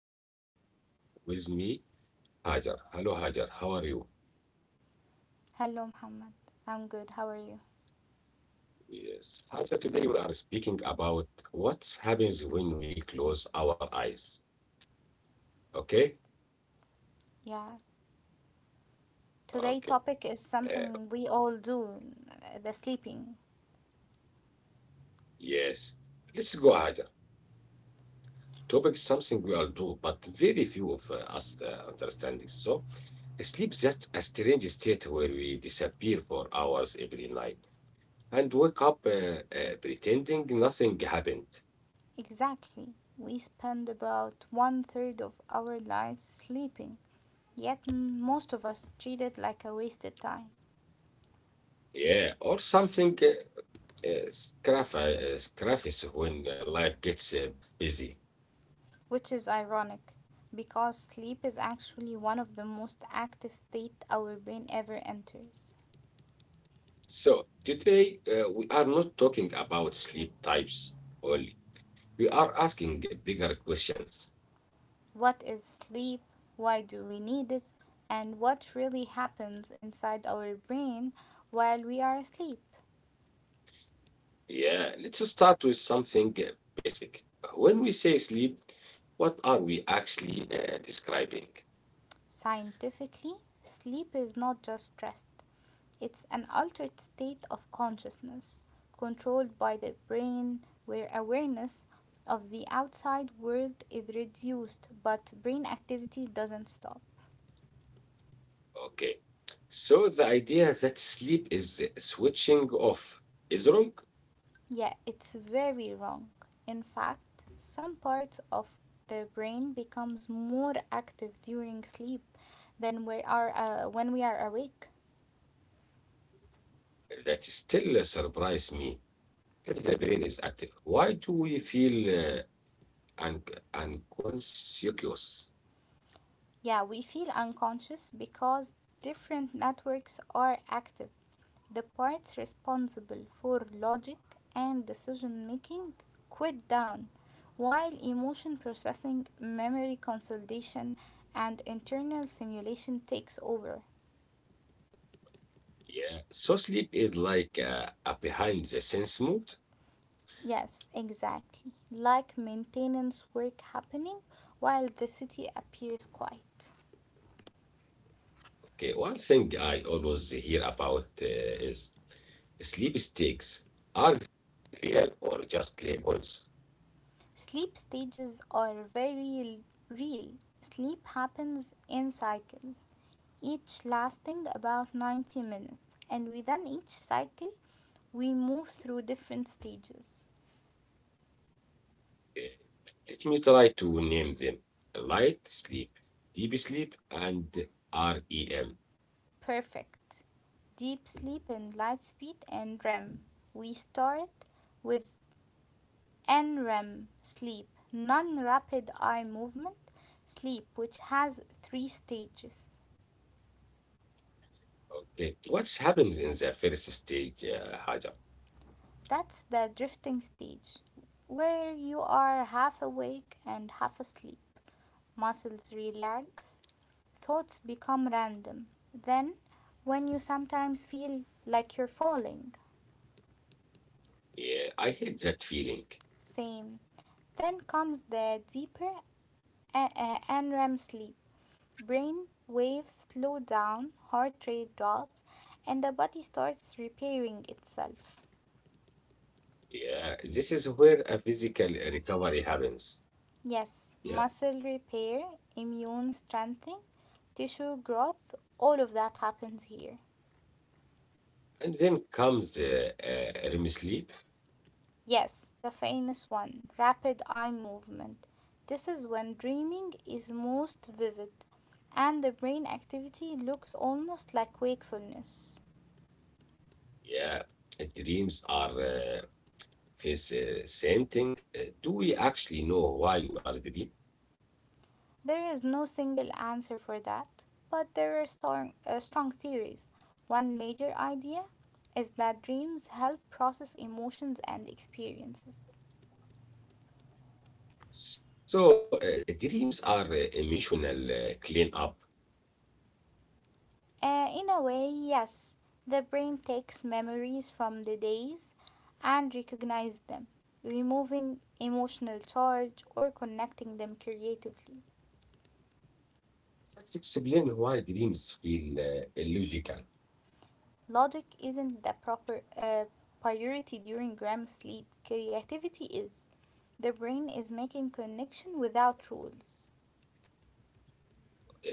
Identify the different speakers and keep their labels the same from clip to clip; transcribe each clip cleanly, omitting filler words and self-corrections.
Speaker 1: new conversation with me, Hajar. Hello Hajar, how are you?
Speaker 2: Hello, Muhammad. I'm good. How are you?
Speaker 1: Yes, Hajar, today we are speaking about what happens when we close our eyes. Okay?
Speaker 2: Yeah. Today
Speaker 1: Okay.
Speaker 2: topic is
Speaker 1: Uh,
Speaker 2: something we all do, the sleeping.
Speaker 1: yes. Let's go, Hajar. Topic is something we all do, but very few of us understand it. So, sleep is just a strange state where we disappear for hours every night and wake up pretending nothing happened.
Speaker 2: Exactly. We spend about one third of our lives sleeping, yet most of us treat it like a wasted time,
Speaker 1: Yeah, or something yes, yes, craft is when life gets busy.
Speaker 2: which is ironic because sleep is actually one of the most active state our brain ever enters.
Speaker 1: So today we are not talking about sleep types only. We are asking bigger questions.
Speaker 2: What is sleep? Why do we need it? And what really happens inside our brain while we are asleep?
Speaker 1: Yeah, let's start with something basic. When we say sleep, what are we actually describing?
Speaker 2: Scientifically, sleep is not just rest, it's an altered state of consciousness controlled by the brain where awareness of the outside world is reduced but brain activity doesn't stop.
Speaker 1: Okay, so the idea that sleep is switching off is wrong.
Speaker 2: Yeah, it's very wrong. In fact, some parts of the brain becomes more active during sleep than we are when we are awake.
Speaker 1: That still me. If the brain is active, why do we feel un unconscious?
Speaker 2: Yeah, we feel unconscious because different networks are active. The parts responsible for logic and decision making quit down, while emotion processing, memory consolidation, and internal simulation takes over.
Speaker 1: Yeah, so sleep is like a behind the sense mode.
Speaker 2: Yes, exactly. Like maintenance work happening while the city appears quiet.
Speaker 1: Okay, one thing I always hear about is sleep stakes. Are they real or just labels?
Speaker 2: Sleep stages are very real. Sleep happens in cycles, each lasting about 90 minutes, and within each cycle, we move through different stages.
Speaker 1: Uh, Let me try to name them. Light sleep, deep sleep, and REM.
Speaker 2: Perfect. Deep sleep and light speed and REM. We start with NREM sleep, non rapid eye movement sleep, which has three stages.
Speaker 1: Okay, what happens in the first stage, Hajar?
Speaker 2: That's the drifting stage, where you are half awake and half asleep. Muscles relax, thoughts become random. Then, when you sometimes feel like you're falling,
Speaker 1: Yeah, I hate that feeling.
Speaker 2: same. Then comes the deeper NREM sleep. Brain waves slow down, heart rate drops, and the body starts repairing itself.
Speaker 1: Yeah, this is where a physical recovery happens.
Speaker 2: Yes,
Speaker 1: Yeah,
Speaker 2: muscle repair, immune strengthening, tissue growth, all of that happens here.
Speaker 1: and then comes REM sleep.
Speaker 2: Yes, the famous one rapid eye movement. This is when dreaming is most vivid and the brain activity looks almost like wakefulness.
Speaker 1: Yeah, dreams are this same thing. Do we actually know why we are dreaming?
Speaker 2: There is no single answer for that, but there are strong theories. One major idea is that dreams help process emotions and experiences.
Speaker 1: So, dreams are emotional cleanup.
Speaker 2: In a way, yes, the brain takes memories from the days and recognizes them, removing emotional charge or connecting them creatively.
Speaker 1: Let's explain why dreams feel illogical,
Speaker 2: Logic isn't the proper priority during REM sleep. Creativity is. The brain is making connection without rules.
Speaker 1: uh,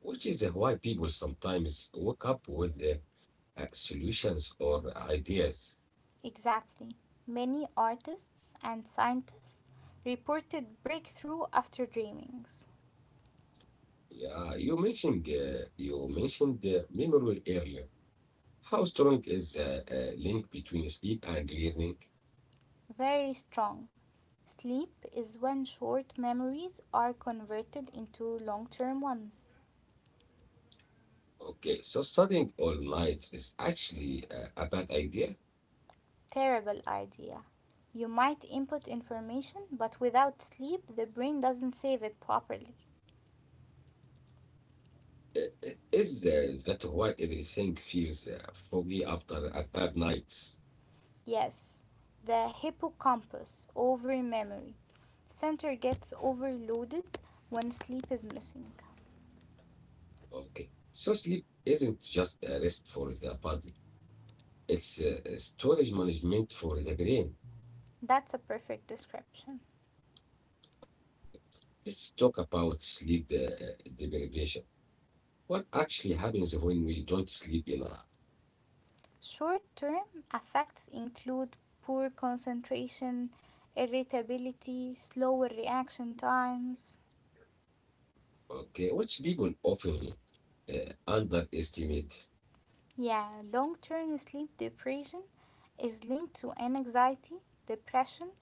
Speaker 1: which is why people sometimes wake up with solutions or ideas.
Speaker 2: Exactly. Many artists and scientists reported breakthrough after dreamings.
Speaker 1: Yeah, you mentioned memory earlier. How strong is the link between sleep and learning?
Speaker 2: Very strong. Sleep is when short memories are converted into long term ones.
Speaker 1: Okay, so studying all night is actually a bad idea.
Speaker 2: Terrible idea. You might input information, but without sleep, the brain doesn't save it properly.
Speaker 1: Is that why everything feels foggy after a bad night?
Speaker 2: Yes, the hippocampus, over memory center gets overloaded when sleep is missing.
Speaker 1: Okay, so sleep isn't just a rest for the body; it's a storage management for the brain.
Speaker 2: That's a perfect description.
Speaker 1: Okay, let's talk about sleep deprivation. What actually happens when we don't sleep enough?
Speaker 2: Short term effects include poor concentration, irritability, slower reaction times.
Speaker 1: Okay, which people often underestimate.
Speaker 2: Yeah, long term sleep deprivation is linked to anxiety, depression,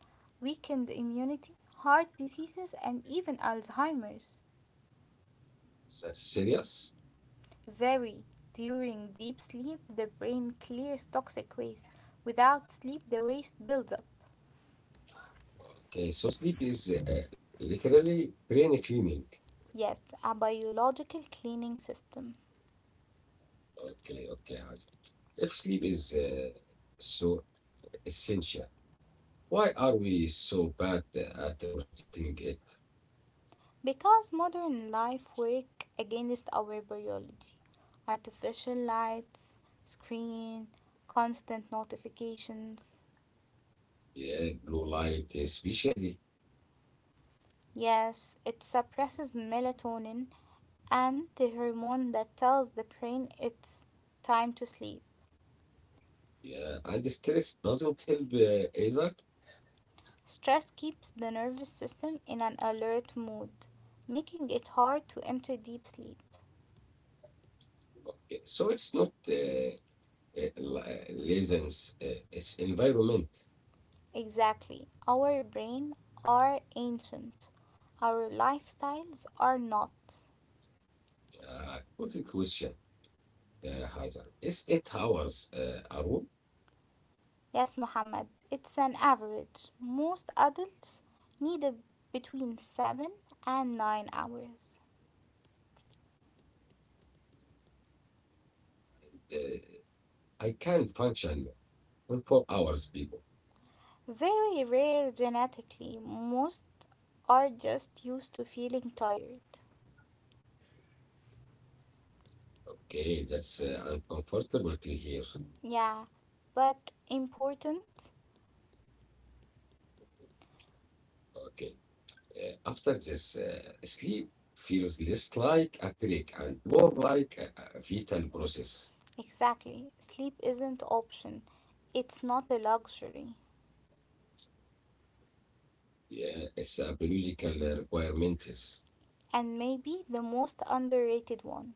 Speaker 2: weakened immunity, heart diseases, and even Alzheimer's.
Speaker 1: Is that serious.
Speaker 2: Very. During deep sleep, the brain clears toxic waste. Without sleep, the waste builds up.
Speaker 1: Okay, so sleep is literally brain cleaning.
Speaker 2: Yes, a biological cleaning system.
Speaker 1: Okay, okay. Hajar. If sleep is so essential, why are we so bad at protecting it?
Speaker 2: Because modern life works against our biology. Artificial lights, screen, constant notifications.
Speaker 1: Yeah, blue light especially.
Speaker 2: Yes, it suppresses melatonin and the hormone that tells the brain it's time to sleep.
Speaker 1: Yeah, and stress doesn't help either.
Speaker 2: Stress keeps the nervous system in an alert mood, making it hard to enter deep sleep.
Speaker 1: Okay, so it's not lessons, its environment.
Speaker 2: Exactly. Our brain are ancient. Our lifestyles are not.
Speaker 1: Quick question, Hazard. Is 8 hours a rule?
Speaker 2: Yes, Mohammed. It's an average. Most adults need a, between 7 and 9 hours.
Speaker 1: Uh, I can function on 4 hours, people.
Speaker 2: Very rare genetically. Most are just used to feeling tired.
Speaker 1: Okay, that's uncomfortable to hear.
Speaker 2: Yeah, but important.
Speaker 1: Okay. After this, sleep feels less like a break and more like a vital process.
Speaker 2: Exactly. Sleep isn't option. It's not a luxury.
Speaker 1: Yeah, it's a biological requirement.
Speaker 2: And maybe the most underrated one.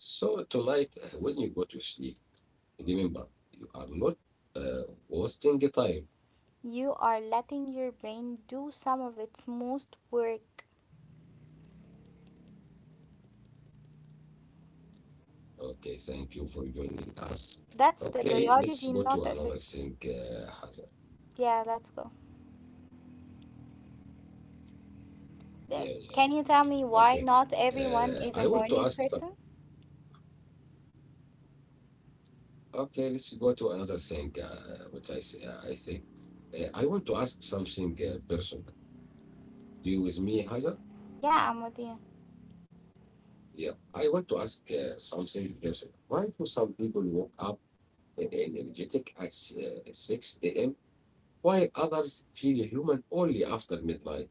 Speaker 1: Yeah. So tonight, when you go to sleep, remember, you are not uh, wasting the time.
Speaker 2: You are letting your brain do some of its most work.
Speaker 1: Okay, thank you for joining us. Okay, let's go to another
Speaker 2: That's
Speaker 1: thing,
Speaker 2: the biology
Speaker 1: Hajar.
Speaker 2: not at it. Yeah, let's go.
Speaker 1: Yeah, yeah. Okay.
Speaker 2: Can you tell me why
Speaker 1: I
Speaker 2: not
Speaker 1: want to ask
Speaker 2: everyone
Speaker 1: some.
Speaker 2: is a morning person?
Speaker 1: Okay, let's go to another thing, I think. I want to ask something personal. You with me, Hajar?
Speaker 2: Yeah, I'm with you.
Speaker 1: Yeah, I want to ask something personal. Why do some people wake up energetic at 6 a.m. while others feel human only after midnight.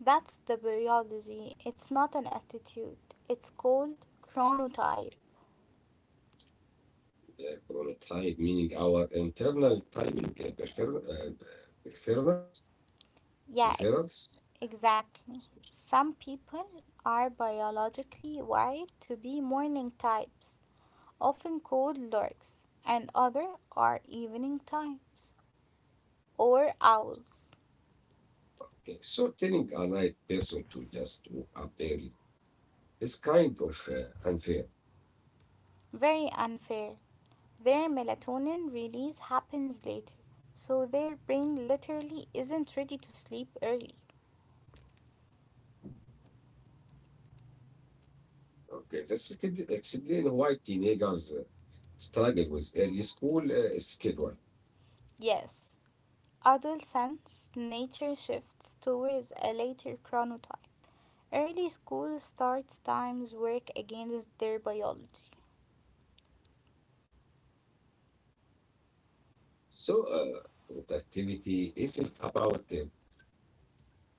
Speaker 2: That's the biology. It's not an attitude. It's called chronotype.
Speaker 1: The chronotype, meaning our internal timing preference,
Speaker 2: Yeah, ex-
Speaker 1: preference.
Speaker 2: exactly. Some people are biologically wired to be morning types, often called larks, and others are evening types or owls.
Speaker 1: Okay, so telling a night person to just to up early is kind of unfair.
Speaker 2: Very unfair. Their melatonin release happens later, so their brain literally isn't ready to sleep early.
Speaker 1: Okay, this could explain why teenagers struggle with early school schedule.
Speaker 2: Yes, adolescence nature shifts towards a later chronotype. Early school starts times work against their biology.
Speaker 1: So, productivity isn't about discipline only.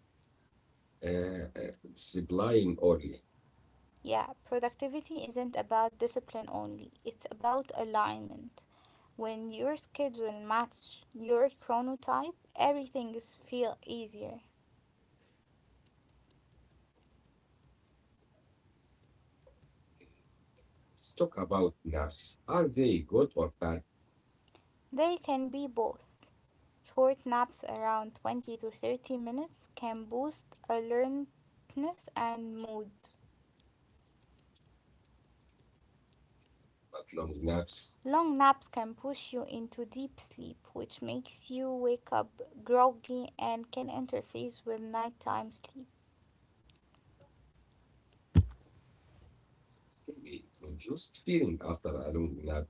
Speaker 2: Yeah, productivity isn't about discipline only, it's about alignment. When your schedule matches your chronotype, everything is feel easier.
Speaker 1: Let's talk about naps. Are they good or bad?
Speaker 2: They can be both. Short naps around 20 to 30 minutes can boost alertness and mood.
Speaker 1: But long naps,
Speaker 2: Long naps can push you into deep sleep, which makes you wake up groggy and can interfere with nighttime sleep.
Speaker 1: heavy, confused feeling after a long nap is awful.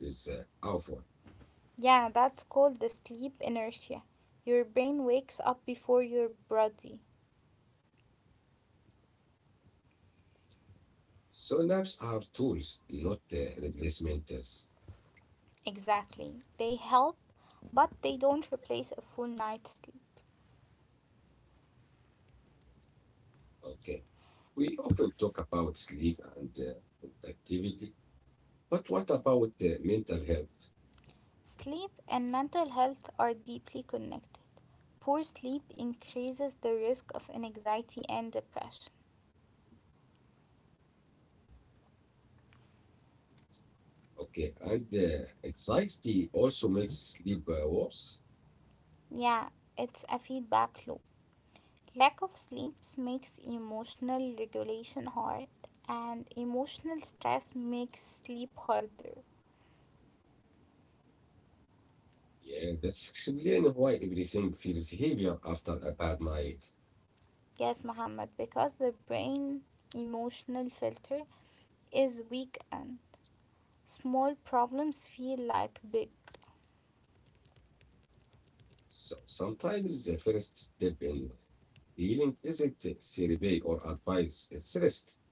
Speaker 2: Yeah, that's called the sleep inertia. Your brain wakes up before your body.
Speaker 1: So naps are tools, not replacements.
Speaker 2: Exactly. They help, but they don't replace a full night's sleep.
Speaker 1: Okay. We often talk about sleep and productivity, but what about mental health?
Speaker 2: Sleep and mental health are deeply connected. Poor sleep increases the risk of anxiety and depression.
Speaker 1: Okay, and anxiety also makes sleep worse.
Speaker 2: Yeah, it's a feedback loop. Lack of sleep makes emotional regulation hard, and emotional stress makes sleep harder.
Speaker 1: Yeah, that's explain why everything feels heavier after a bad night.
Speaker 2: Yes, Muhammad, because the brain emotional filter is weak and small problems feel like big.
Speaker 1: So sometimes the first step in healing isn't therapy or advice, it's rest.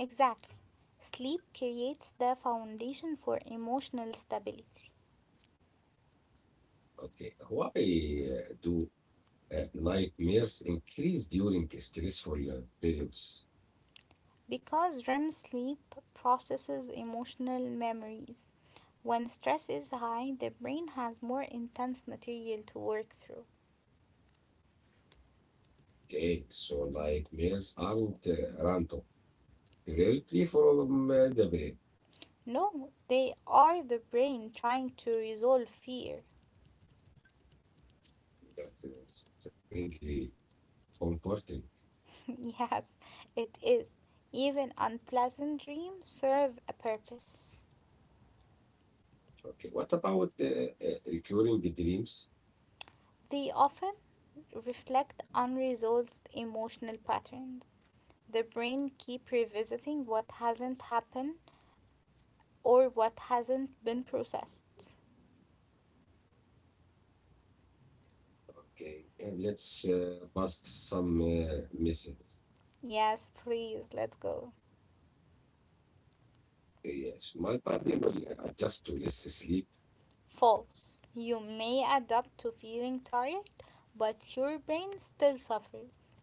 Speaker 2: Exactly. Sleep creates the foundation for emotional stability.
Speaker 1: Okay, why do nightmares increase during stressful periods?
Speaker 2: Because REM sleep processes emotional memories. When stress is high, the brain has more intense material to work through.
Speaker 1: Okay, so nightmares aren't random. Directly from the brain.
Speaker 2: No, they are the brain trying to resolve fear.
Speaker 1: That's strangely comforting.
Speaker 2: Yes, it is. Even unpleasant dreams serve a purpose.
Speaker 1: Okay, what about recurring dreams?
Speaker 2: They often reflect unresolved emotional patterns. The brain keep revisiting what hasn't happened or what hasn't been processed.
Speaker 1: Okay, and let's bust some myths.
Speaker 2: Yes, please, let's go.
Speaker 1: Yes, my body will adjust to less sleep.
Speaker 2: False. You may adapt to feeling tired, but your brain still suffers.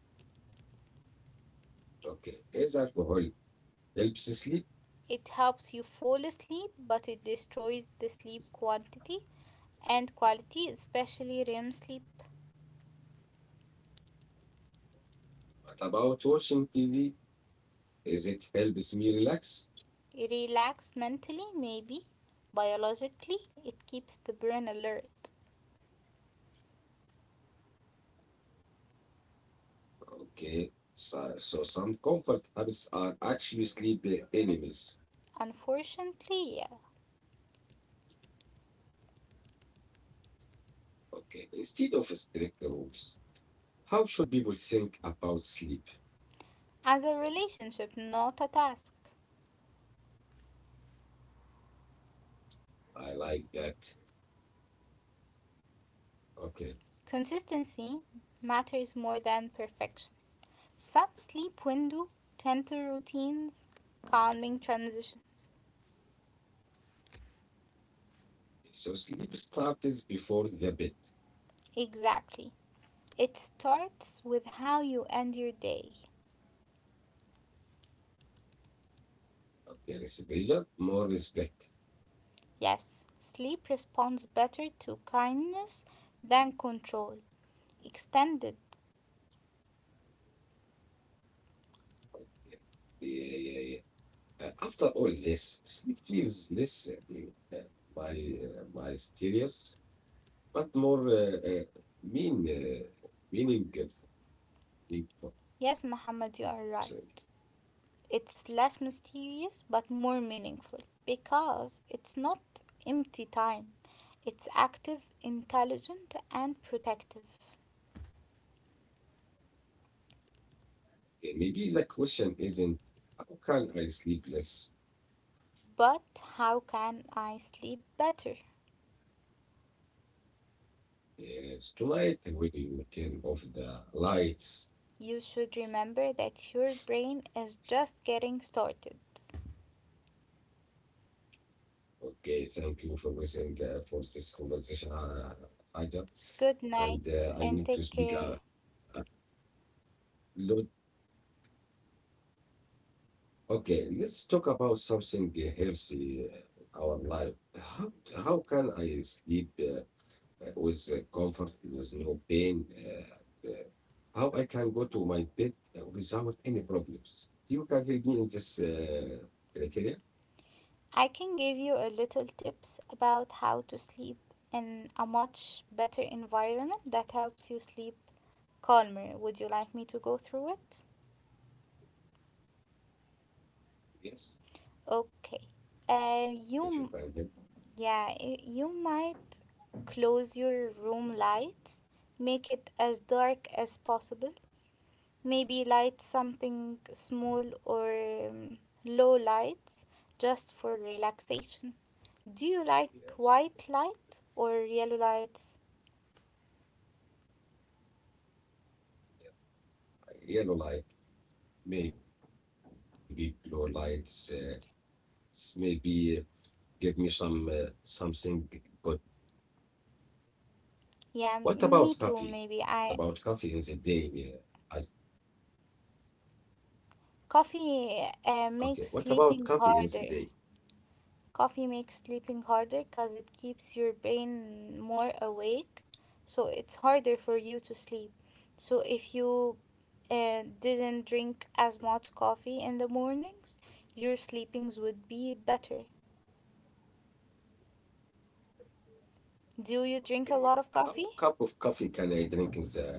Speaker 1: Okay, is alcohol helps sleep?
Speaker 2: It helps you fall asleep, but it destroys the sleep quantity and quality, especially REM sleep.
Speaker 1: What about watching TV? Is it helps me relax?
Speaker 2: Relax mentally, maybe. Biologically, it keeps the brain alert.
Speaker 1: Okay, so some comfort habits are actually sleep enemies.
Speaker 2: Unfortunately, yeah.
Speaker 1: Okay, instead of strict rules, how should people think about sleep?
Speaker 2: As a relationship, not a task.
Speaker 1: I like that. Okay,
Speaker 2: Consistency matters more than perfection. Some sleep window, gentle routines, calming transitions.
Speaker 1: so sleep starts before the bed.
Speaker 2: Exactly. It starts with how you end your day.
Speaker 1: Okay, less pressure, more respect.
Speaker 2: Yes, sleep responds better to kindness than control. Extended.
Speaker 1: Yeah, yeah, yeah. yeah. After all this, sleep feels less uh, my mysterious, but more mean uh, meaningful. for me. for-
Speaker 2: Yes,
Speaker 1: Sorry.
Speaker 2: Muhammad, you are right. It's less mysterious but more meaningful because it's not empty time. It's active, intelligent, and protective.
Speaker 1: Maybe the question isn't how can I sleep less
Speaker 2: But how can I sleep better?
Speaker 1: uh, tonight when you turn off the lights?
Speaker 2: You should remember that your brain is just getting started.
Speaker 1: Okay, thank you for listening for this conversation,
Speaker 2: Good
Speaker 1: Ida.
Speaker 2: night and
Speaker 1: And
Speaker 2: take
Speaker 1: I
Speaker 2: care.
Speaker 1: need to speak a lot. Okay, let's talk about something healthy in our life. How can I sleep with comfort, with no pain? How I can go to my bed without any problems? You can help me in this criteria?
Speaker 2: I can give you a little tips about how to sleep in a much better environment that helps you sleep calmer. Would you like me to go through it?
Speaker 1: Yes,
Speaker 2: Okay.
Speaker 1: if you can help.
Speaker 2: You, yeah, you might close your room lights, make it as dark as possible, maybe light something small or um,
Speaker 1: Yes,
Speaker 2: low lights just for relaxation. Do you like white light or yellow lights?
Speaker 1: I think yellow light, maybe blue lights, maybe give me some something good.
Speaker 2: Yeah,
Speaker 1: What
Speaker 2: me
Speaker 1: about
Speaker 2: too,
Speaker 1: coffee?
Speaker 2: maybe. I
Speaker 1: What about coffee in the day. Okay, what about coffee in
Speaker 2: coffee
Speaker 1: the day?
Speaker 2: makes sleeping harder. Coffee makes sleeping harder because it keeps your brain more awake, so it's harder for you to sleep. So if you didn't drink as much coffee in the mornings, your sleepings would be better. Do you
Speaker 1: Eh,
Speaker 2: drink a lot
Speaker 1: how
Speaker 2: of
Speaker 1: cup
Speaker 2: coffee?
Speaker 1: of coffee can I drink in the?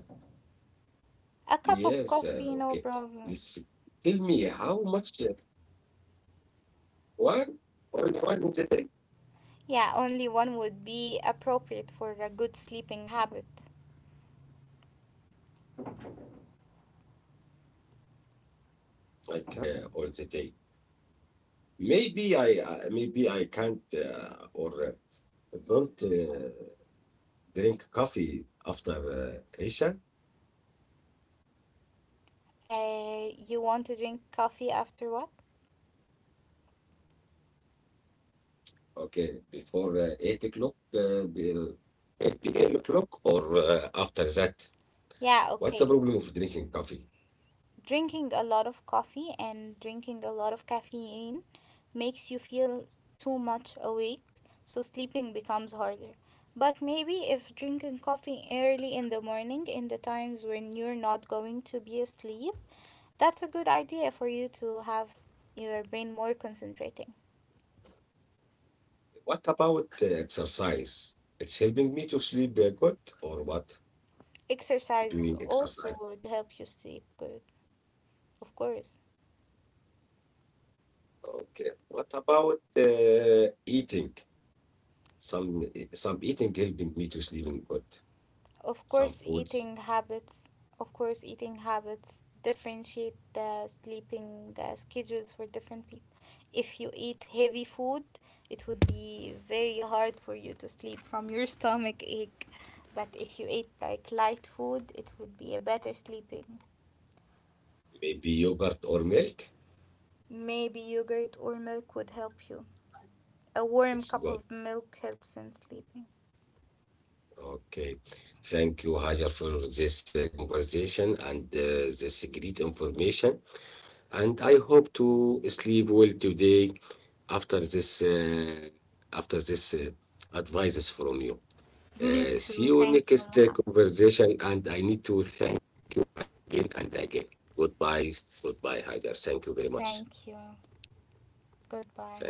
Speaker 2: A cup of
Speaker 1: Yes,
Speaker 2: coffee, no
Speaker 1: okay.
Speaker 2: problem.
Speaker 1: Let tell me how much one only one in the day.
Speaker 2: Yeah, only one would be appropriate for a good sleeping habit.
Speaker 1: I can't. I I'm drinking more than three cups of coffee all the day. Maybe I, maybe I can't or don't drink coffee after Isha.
Speaker 2: You want to drink coffee after what?
Speaker 1: Okay, before 8 o'clock, 8 p.m. o'clock, or after that? What's the problem of drinking
Speaker 2: Yeah,
Speaker 1: coffee?
Speaker 2: okay. Drinking a lot of coffee and drinking a lot of caffeine makes you feel too much awake, so sleeping becomes harder. But maybe if drinking coffee early in the morning, in the times when you're not going to be asleep, that's a good idea for you to have your brain more concentrating.
Speaker 1: What about exercise? It's helping me to sleep good, or what?
Speaker 2: Exercises
Speaker 1: Doing exercise.
Speaker 2: also would help you sleep good, of course.
Speaker 1: Okay. What about eating? Some some eating helping me to sleeping good.
Speaker 2: Of
Speaker 1: Some
Speaker 2: course,
Speaker 1: foods,
Speaker 2: eating habits, of course, eating habits differentiate the sleeping schedules for different people. If you eat heavy food, it would be very hard for you to sleep from your stomach ache. But if you ate like light food, it would be a better sleeping.
Speaker 1: maybe yogurt or milk.
Speaker 2: Maybe yogurt or milk would help you. A warm
Speaker 1: It's
Speaker 2: cup
Speaker 1: good.
Speaker 2: of milk helps in sleeping.
Speaker 1: Okay. Thank you, Hajar, for this conversation and this great information. And I hope to sleep well today after this uh, after this advices from you.
Speaker 2: Me
Speaker 1: See
Speaker 2: too.
Speaker 1: you
Speaker 2: Thank you,
Speaker 1: next
Speaker 2: Mohammed.
Speaker 1: conversation. And I need to thank you again and again. Goodbye. Goodbye, Hajar. Thank you very much.
Speaker 2: Thank you.
Speaker 1: Thank
Speaker 2: Goodbye.
Speaker 1: you.